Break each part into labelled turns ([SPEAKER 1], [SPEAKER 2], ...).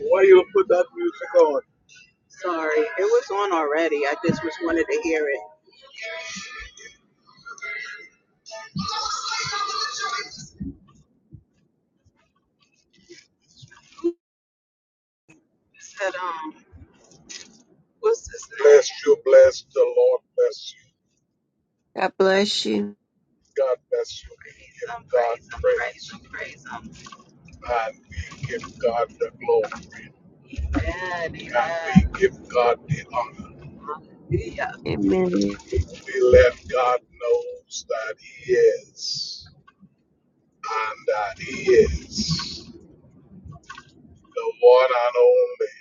[SPEAKER 1] Why you put that music on? What's this? Bless you, bless the Lord, bless
[SPEAKER 2] God bless you.
[SPEAKER 1] you. God bless you. We give i God praise. i praise, i praise. i And we give God the glory. Amen, amen. And we give God the honor.
[SPEAKER 2] Amen.
[SPEAKER 1] We let God knows that He is, and that He is the one and only.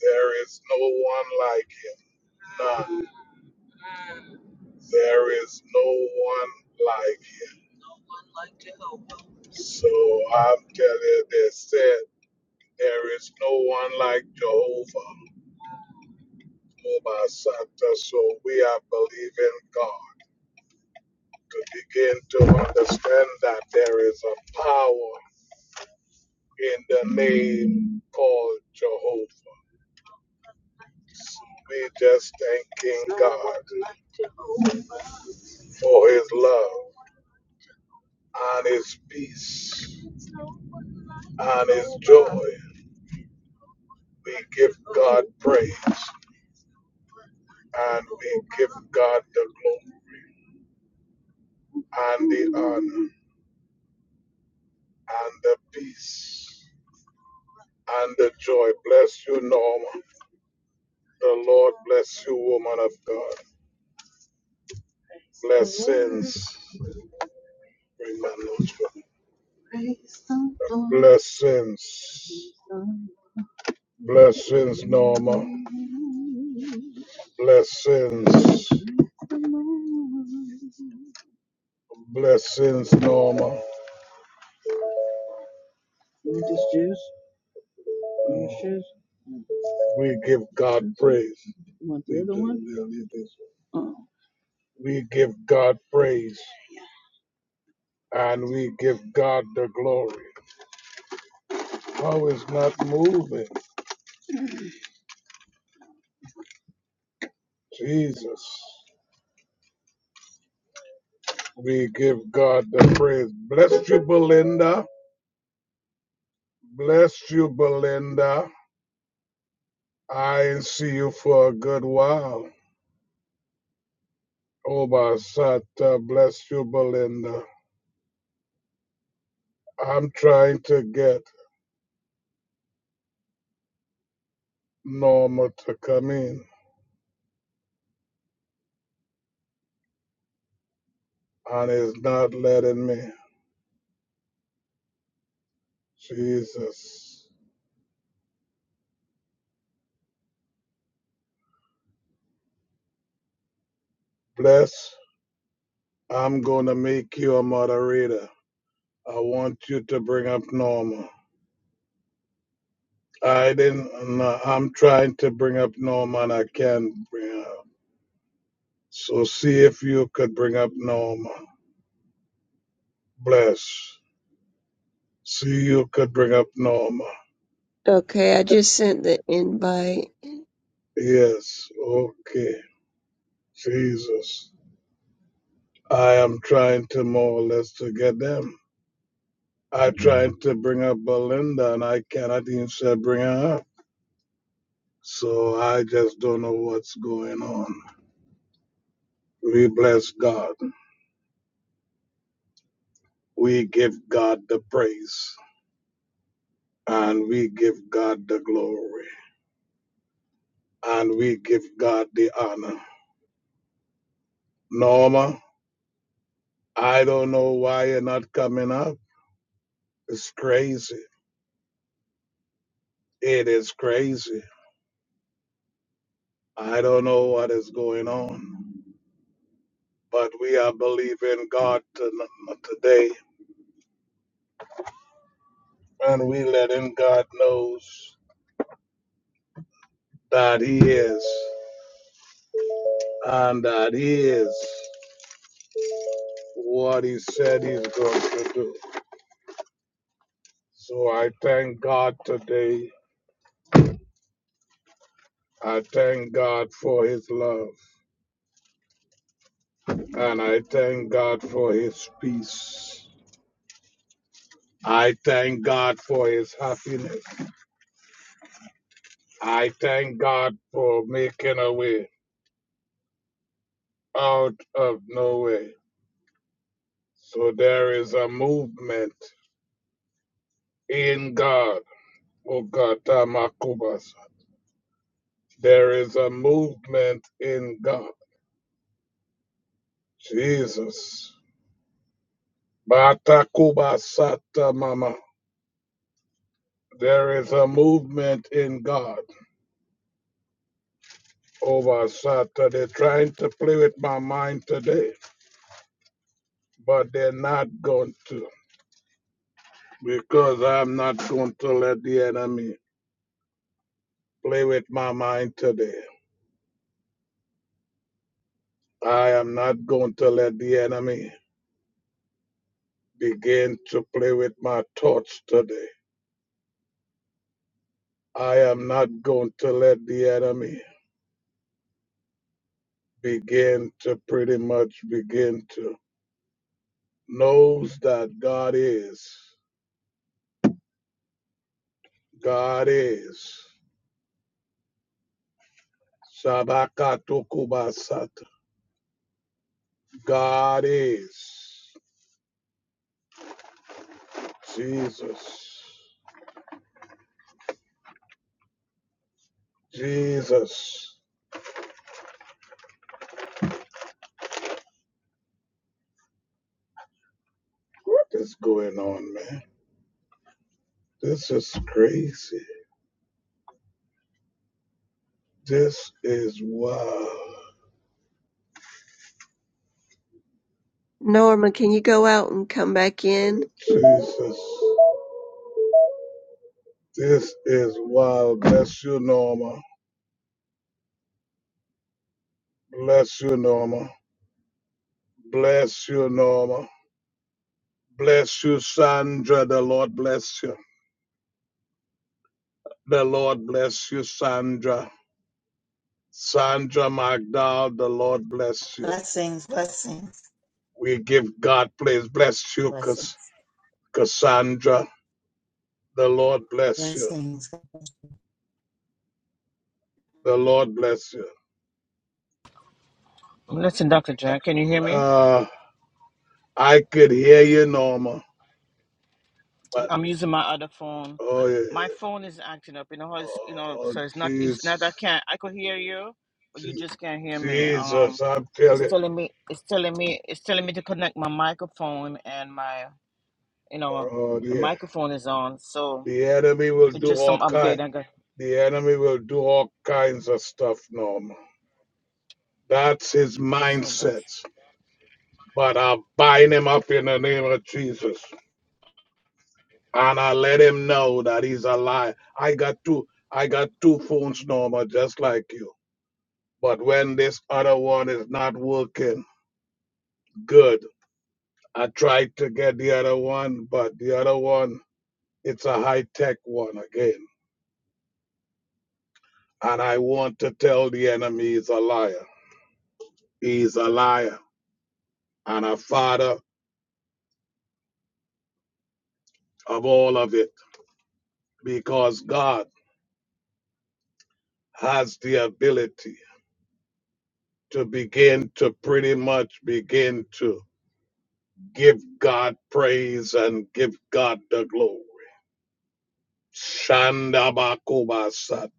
[SPEAKER 1] There is no one like Him. None. There is no one like. So I'm telling they said there is no one like Jehovah, oh my Santa. So we are believing God to begin to understand that there is a power in the name called Jehovah. So we just thanking God for his love and his peace and his joy. We give God praise and we give God the glory and the honor. and the peace and the joy. Bless you, Norma. The Lord bless you, woman of God. Blessings. Blessings. Blessings, Norma. Blessings. Blessings, Norma. We give God praise. We give God praise. and we give God the glory. How is not moving? Jesus. We give God the praise. Bless you, Belinda. Bless you, Belinda. I ain't see you for a good while. Obasata, bless you, Belinda. I'm trying to get Norma to come in, and it's not letting me. Jesus. Bless. I'm going to make you a moderator. I want you to bring up Norma. I didn't. No, I'm trying to bring up Norma, and I can't bring up. So see if you could bring up Norma. Bless. See you could bring up Norma.
[SPEAKER 2] Okay, I just sent the invite.
[SPEAKER 1] Yes. Okay. Jesus. I am trying to more or less to get them. I tried to bring up Belinda, and I cannot even say bring her up. So I just don't know what's going on. We bless God. We give God the praise. and we give God the glory and we give God the honor. Norma, I don't know why you're not coming up. It's crazy. It is crazy. I don't know what is going on, but we are believing God today and we letting God knows that He is and that He is what He said He's going to do. So I thank God today. I thank God for His love. And I thank God for his peace. I thank God for his happiness. I thank God for making a way out of no way. So there is a movement in God. Ogata Makubasa. There is a movement in God. Jesus. Batakuba Sata Mama. There is a movement in God over Saturday. Trying to play with my mind today but they're not going to because I'm not going to let the enemy play with my mind today. I am not going to let the enemy begin to play with my thoughts today. I am not going to let the enemy begin to pretty much begin to knows that God is. God is. Sabakatu kubasata. God is. Jesus. Jesus, what is going on, man? This is crazy. This is wild.
[SPEAKER 2] Norma, can you go out and come back in?
[SPEAKER 1] Jesus, this is wild. Bless you, Norma. Bless you, Norma. Bless you, Norma. Bless you, Sandra. The Lord bless you. The Lord bless you, Sandra. Sandra McDowell, the Lord bless you.
[SPEAKER 3] Blessings, blessings,
[SPEAKER 1] We give God praise. Bless you,
[SPEAKER 3] blessings,
[SPEAKER 1] Cass- Cassandra. The Lord bless you.
[SPEAKER 3] blessings.
[SPEAKER 1] The Lord bless you.
[SPEAKER 4] Listen, Dr. Jack, can you hear me?
[SPEAKER 1] Uh, I could hear you, Norma, but
[SPEAKER 4] I'm using my other phone.
[SPEAKER 1] oh, yeah.
[SPEAKER 4] My phone is acting up, you know, it's, you know,
[SPEAKER 1] oh
[SPEAKER 4] so it's not, it's not,
[SPEAKER 1] Jesus,
[SPEAKER 4] I can't, I could hear you, but you
[SPEAKER 1] Je-
[SPEAKER 4] just can't hear me. Um,
[SPEAKER 1] Jesus, I'm
[SPEAKER 4] it's
[SPEAKER 1] telling.
[SPEAKER 4] telling me, it's telling me, it's telling me to connect my microphone and my, you know,
[SPEAKER 1] Oh
[SPEAKER 4] the
[SPEAKER 1] yeah,
[SPEAKER 4] microphone is on. So
[SPEAKER 1] the enemy will
[SPEAKER 4] it's
[SPEAKER 1] do
[SPEAKER 4] just
[SPEAKER 1] all
[SPEAKER 4] some
[SPEAKER 1] kind.
[SPEAKER 4] update I got.
[SPEAKER 1] The enemy will do all kinds of stuff, Norma. That's his
[SPEAKER 4] So that's,
[SPEAKER 1] mindset. But I'll bind him up in the name of Jesus, and I let him know that he's a lie. I got two. I got two phones, Norma, just like you. But when this other one is not working, good. I tried to get the other one, but the other one, it's a high tech one again. And I want to tell the enemy he's a liar. He's a liar and a father of all of it because God has the ability to begin to pretty much begin to give God praise and give God the glory. Shandabakubasat.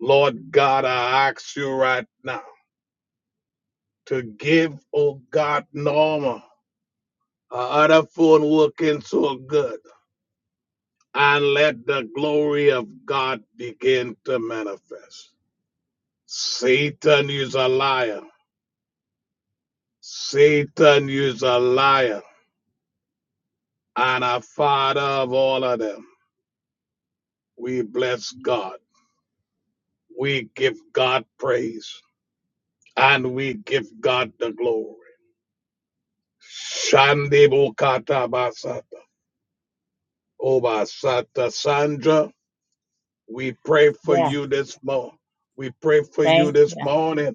[SPEAKER 1] Lord God, I ask you right now to give, oh God, Norma. uh, other phone working so good and let the glory of God begin to manifest. Satan is a liar. Satan is a liar and a father of all of them. We bless God. We give God praise and we give God the glory. Shandebo Basata. Obasata Sandra, we pray for
[SPEAKER 3] Yeah,
[SPEAKER 1] you this morning. We pray for you
[SPEAKER 3] thank
[SPEAKER 1] this
[SPEAKER 3] you.
[SPEAKER 1] morning.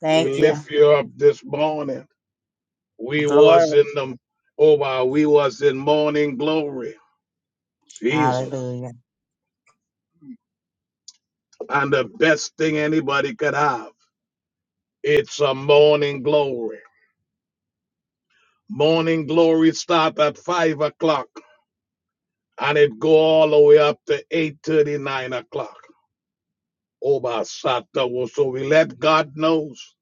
[SPEAKER 3] Thank
[SPEAKER 1] We
[SPEAKER 3] you.
[SPEAKER 1] lift you up this morning. We was
[SPEAKER 3] Glory.
[SPEAKER 1] in the oh wow, we was in morning glory. Jesus.
[SPEAKER 3] Hallelujah.
[SPEAKER 1] And the best thing anybody could have. It's a morning glory. Morning glory start at five o'clock and it go all the way up to eight thirty, nine o'clock. Oh my Sata so we let God knows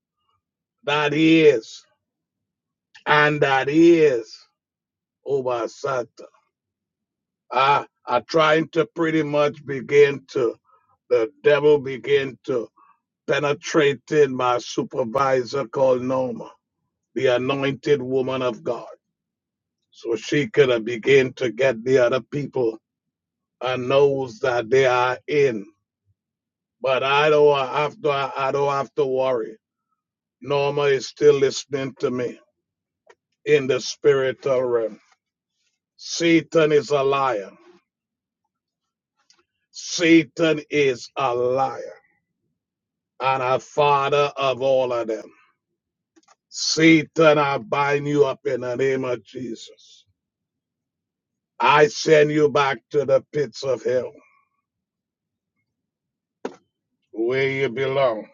[SPEAKER 1] that he is and that he is. Oh my Sata. I I trying to pretty much begin to The devil began to penetrated my supervisor called Norma, the anointed woman of God. So she could have began to get the other people and knows that they are in. But I don't have to I don't have to worry. Norma is still listening to me in the spiritual realm. Satan is a liar. Satan is a liar and a father of all of them. Satan, I bind you up in the name of Jesus. I send you back to the pits of hell where you belong.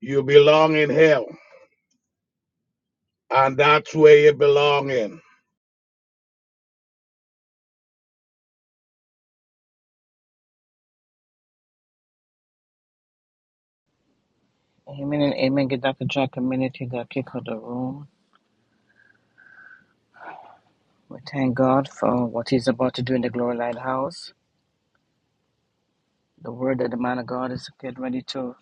[SPEAKER 1] You belong in hell, and that's where you belong in.
[SPEAKER 4] amen and amen. Get Dr. Jack a minute. He got kicked out of the room. We thank God for what he's about to do in the Glory Lighthouse. The word that the man of God is getting ready to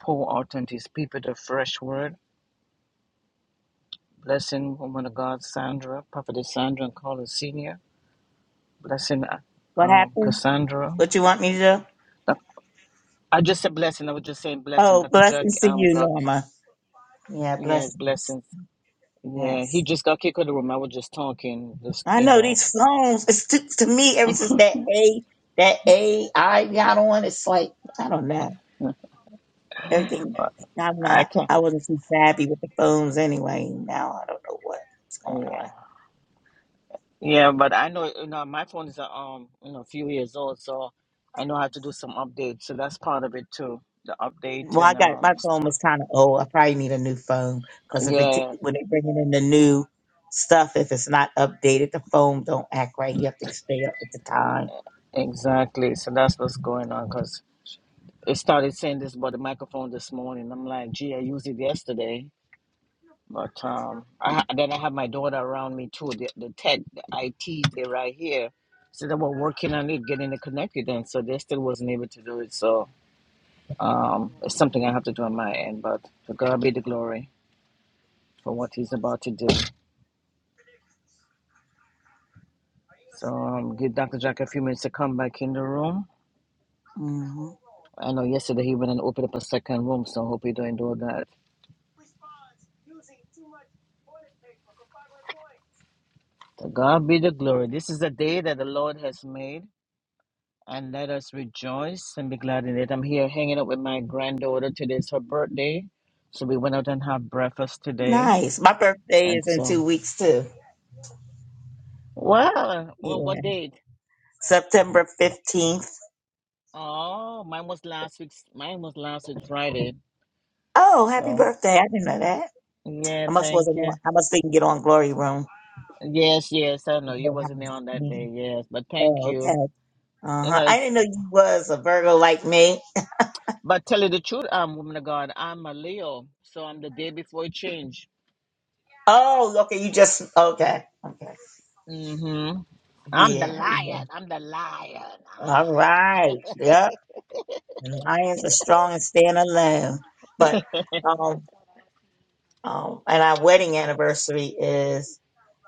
[SPEAKER 4] Pour out unto his people the fresh word. Blessing woman of God, Sandra, prophetess Sandra and Carla Sr. Blessing uh,
[SPEAKER 3] What
[SPEAKER 4] um,
[SPEAKER 3] happened?
[SPEAKER 4] Cassandra.
[SPEAKER 3] What you want me to do?
[SPEAKER 4] Doc- I just said blessing. I was just saying blessing.
[SPEAKER 3] Oh,
[SPEAKER 4] Dr. Jack
[SPEAKER 3] blessings to
[SPEAKER 4] um,
[SPEAKER 3] you,
[SPEAKER 4] got,
[SPEAKER 3] Norma. Yeah,
[SPEAKER 4] yes,
[SPEAKER 3] blessings.
[SPEAKER 4] blessings. Yeah, he
[SPEAKER 3] Yes.
[SPEAKER 4] just got kicked out of the room. I was just talking. Just,
[SPEAKER 3] I
[SPEAKER 4] you
[SPEAKER 3] know
[SPEAKER 4] know,
[SPEAKER 3] these phones, it's to, to me, ever since that A, that AI got on, it's like, I don't know. Everything, I'm
[SPEAKER 4] I
[SPEAKER 3] not,
[SPEAKER 4] can't.
[SPEAKER 3] I wasn't too savvy with the phones anyway. Now I don't know what's going on.
[SPEAKER 4] Yeah. Yeah, but I know, you know, my phone is, uh, um, you know, a few years old, so I know I have to do some updates. So that's part of it too. The update
[SPEAKER 3] Well, I
[SPEAKER 4] and,
[SPEAKER 3] got my
[SPEAKER 4] um,
[SPEAKER 3] phone
[SPEAKER 4] stuff.
[SPEAKER 3] was kind of old. I probably need a new phone because if it t-
[SPEAKER 4] Yeah,
[SPEAKER 3] when they bringing in the new stuff, if it's not updated, the phone don't act right. You have to stay up with the time.
[SPEAKER 4] Exactly. So that's what's going on because it started saying this about the microphone this morning. I'm like, gee, I used it yesterday. But um, I ha- then I have my daughter around me too. The, the tech, the IT, they're right here. So they were working on it, getting it connected, and so they still wasn't able to do it. So um, it's something I have to do on my end. But to God be the glory for what He's about to do. So um, give Dr. Jack a few minutes to come back in the room.
[SPEAKER 3] hmm
[SPEAKER 4] I know yesterday he went and opened up a second room, so I hope he don't do that. To God be the glory. This is the day that the Lord has made, and let us rejoice and be glad in it. I'm here hanging out with my granddaughter. Today's her birthday, so we went out and had breakfast today.
[SPEAKER 3] Nice. My birthday
[SPEAKER 4] And
[SPEAKER 3] is in
[SPEAKER 4] so,
[SPEAKER 3] two weeks too.
[SPEAKER 4] well, well
[SPEAKER 3] Yeah,
[SPEAKER 4] what date?
[SPEAKER 3] September fifteenth.
[SPEAKER 4] Oh, mine was last week's. Mine was last week Friday.
[SPEAKER 3] Oh, happy
[SPEAKER 4] So
[SPEAKER 3] birthday! I didn't know that.
[SPEAKER 4] yeah,
[SPEAKER 3] I must
[SPEAKER 4] thank
[SPEAKER 3] wasn't on.
[SPEAKER 4] you.
[SPEAKER 3] I must didn't get on Glory Room.
[SPEAKER 4] Yes, yes. I know
[SPEAKER 3] The
[SPEAKER 4] you
[SPEAKER 3] Glory
[SPEAKER 4] wasn't there
[SPEAKER 3] House.
[SPEAKER 4] on that
[SPEAKER 3] Yeah.
[SPEAKER 4] day. Yes, but thank
[SPEAKER 3] Oh, okay.
[SPEAKER 4] you.
[SPEAKER 3] Uh
[SPEAKER 4] You
[SPEAKER 3] huh.
[SPEAKER 4] know,
[SPEAKER 3] I
[SPEAKER 4] it's,
[SPEAKER 3] didn't know you was a Virgo like me.
[SPEAKER 4] but tell you the truth, um, woman of God, I'm a Leo, so I'm the day before it changed.
[SPEAKER 3] Oh, okay. You just okay. Okay.
[SPEAKER 4] Mm-hmm. I'm the
[SPEAKER 3] Yeah, yeah.
[SPEAKER 4] lion. I'm the lion.
[SPEAKER 3] All
[SPEAKER 4] Ah.
[SPEAKER 3] right. Yep. And lions are strong and stand alone. But um um and our wedding anniversary is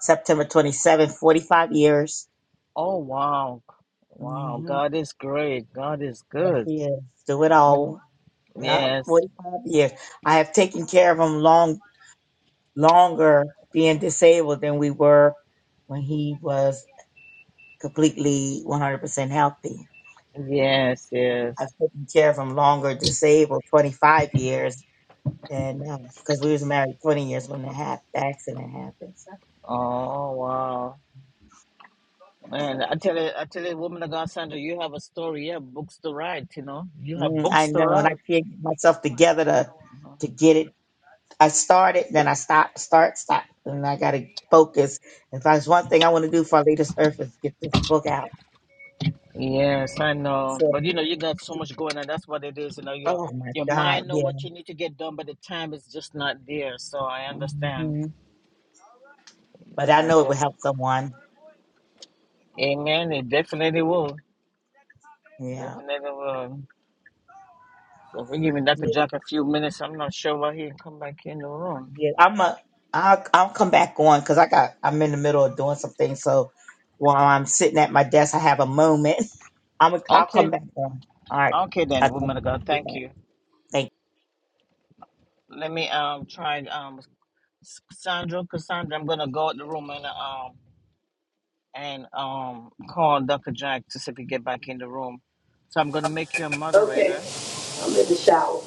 [SPEAKER 3] September 27th, 45 years.
[SPEAKER 4] Oh wow. Wow.
[SPEAKER 3] hmm
[SPEAKER 4] God is great. God is
[SPEAKER 3] Yes,
[SPEAKER 4] good.
[SPEAKER 3] he is. Do it
[SPEAKER 4] You know.
[SPEAKER 3] all. Yep,
[SPEAKER 4] Yes.
[SPEAKER 3] 45 years. I have taken care of him long longer being disabled than we were when he was completely 100% healthy.
[SPEAKER 4] Yes,
[SPEAKER 3] I've
[SPEAKER 4] yes.
[SPEAKER 3] taken care of him longer disabled, 25 years and because we was married 20 years when the, hap- the accident happened. So,
[SPEAKER 4] Oh wow. And I tell you I tell you, woman of God Sandra, you have a story, you have books to write, you know. You have
[SPEAKER 3] mm, I
[SPEAKER 4] books to
[SPEAKER 3] know, and I
[SPEAKER 4] write.
[SPEAKER 3] can't get myself together to to get it. I started, then I stop, start, stop, and I got to focus. If there's one thing I want to do for I leave earth is get this book out.
[SPEAKER 4] Yes, I know.
[SPEAKER 3] So,
[SPEAKER 4] But you know, you got so much going on. That's what it is. You know, your
[SPEAKER 3] oh my
[SPEAKER 4] your
[SPEAKER 3] God,
[SPEAKER 4] mind know
[SPEAKER 3] yeah.
[SPEAKER 4] what you need to get done, but the time is just not there. So I understand.
[SPEAKER 3] hmm But I
[SPEAKER 4] I
[SPEAKER 3] know it will
[SPEAKER 4] just.
[SPEAKER 3] help someone.
[SPEAKER 4] Amen. It definitely will.
[SPEAKER 3] Yeah.
[SPEAKER 4] Definitely will. So we're giving Dr. Jack a few minutes. I'm not sure why he didn't come back in the room.
[SPEAKER 3] Yeah, I'm a. I'll, I'll come back on because I got. I'm in the middle of doing something. So while I'm sitting at my desk, I have a moment. I'm. A, I'll
[SPEAKER 4] Okay.
[SPEAKER 3] come back on. All right.
[SPEAKER 4] Okay then,
[SPEAKER 3] I'll, come-
[SPEAKER 4] woman of God.
[SPEAKER 3] I'll be
[SPEAKER 4] Thank
[SPEAKER 3] back.
[SPEAKER 4] you.
[SPEAKER 3] Thank
[SPEAKER 4] Let me um try um Sandra, Cassandra, I'm gonna go out the room and um and um call Dr. Jack to see if he get back in the room. So I'm gonna make you a
[SPEAKER 5] Okay,
[SPEAKER 4] moderator.
[SPEAKER 5] I'm in the shower.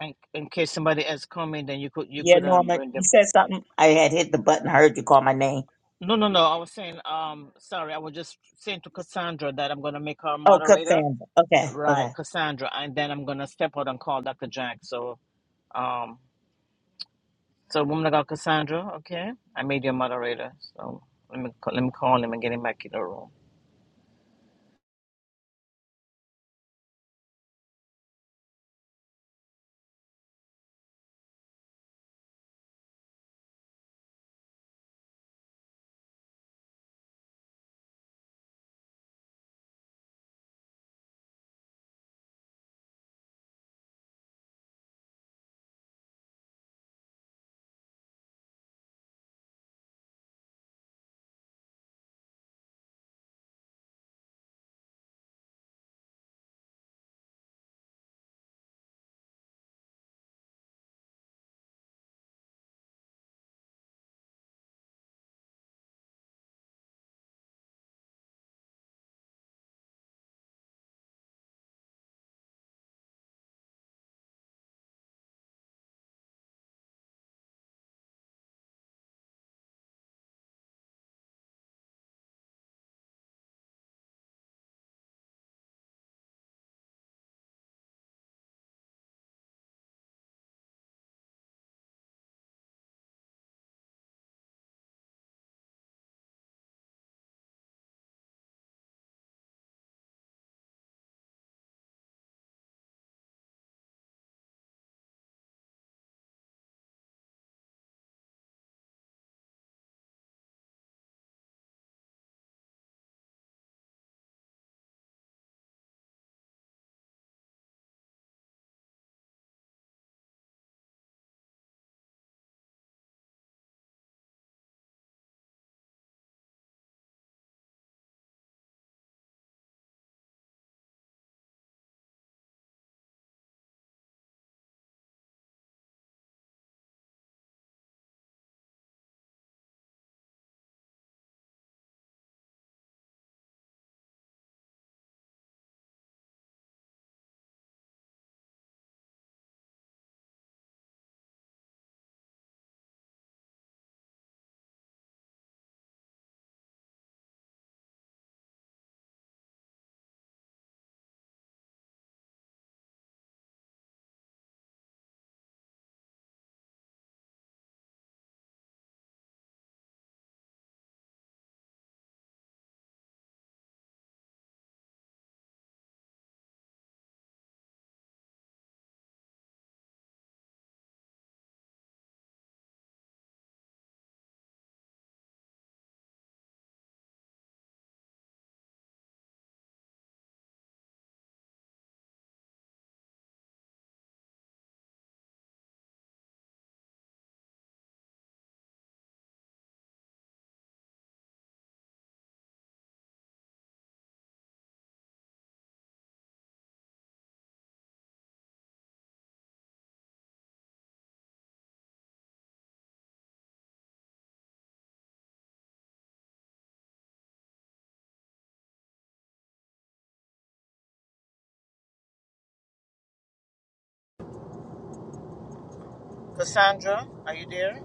[SPEAKER 4] In, in case somebody else come in, then you could you
[SPEAKER 3] you. Yeah,
[SPEAKER 4] could um
[SPEAKER 3] Norma,
[SPEAKER 4] bring
[SPEAKER 3] you
[SPEAKER 4] them.
[SPEAKER 3] said something. I had hit the button. I heard you call my name.
[SPEAKER 4] No, no, no. I was saying um sorry, I was just saying to Cassandra that I'm gonna make her a
[SPEAKER 3] Oh,
[SPEAKER 4] moderator
[SPEAKER 3] Cassandra. Okay. Okay.
[SPEAKER 4] Right, Cassandra, and then I'm gonna step out and call Dr. Jack. So, um, so woman I got Cassandra, okay? I made you a moderator, so let me ca- let me call him and get him back in the room. Cassandra, are you there?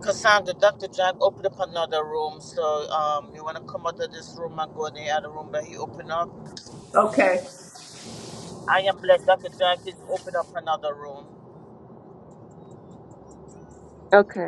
[SPEAKER 4] Cassandra, Dr. Jack opened up another room, so um, you wanna come out of this room and go in the other room that he opened up?
[SPEAKER 5] Okay.
[SPEAKER 4] I am blessed. Dr. Jack is opened up another room.
[SPEAKER 2] Okay.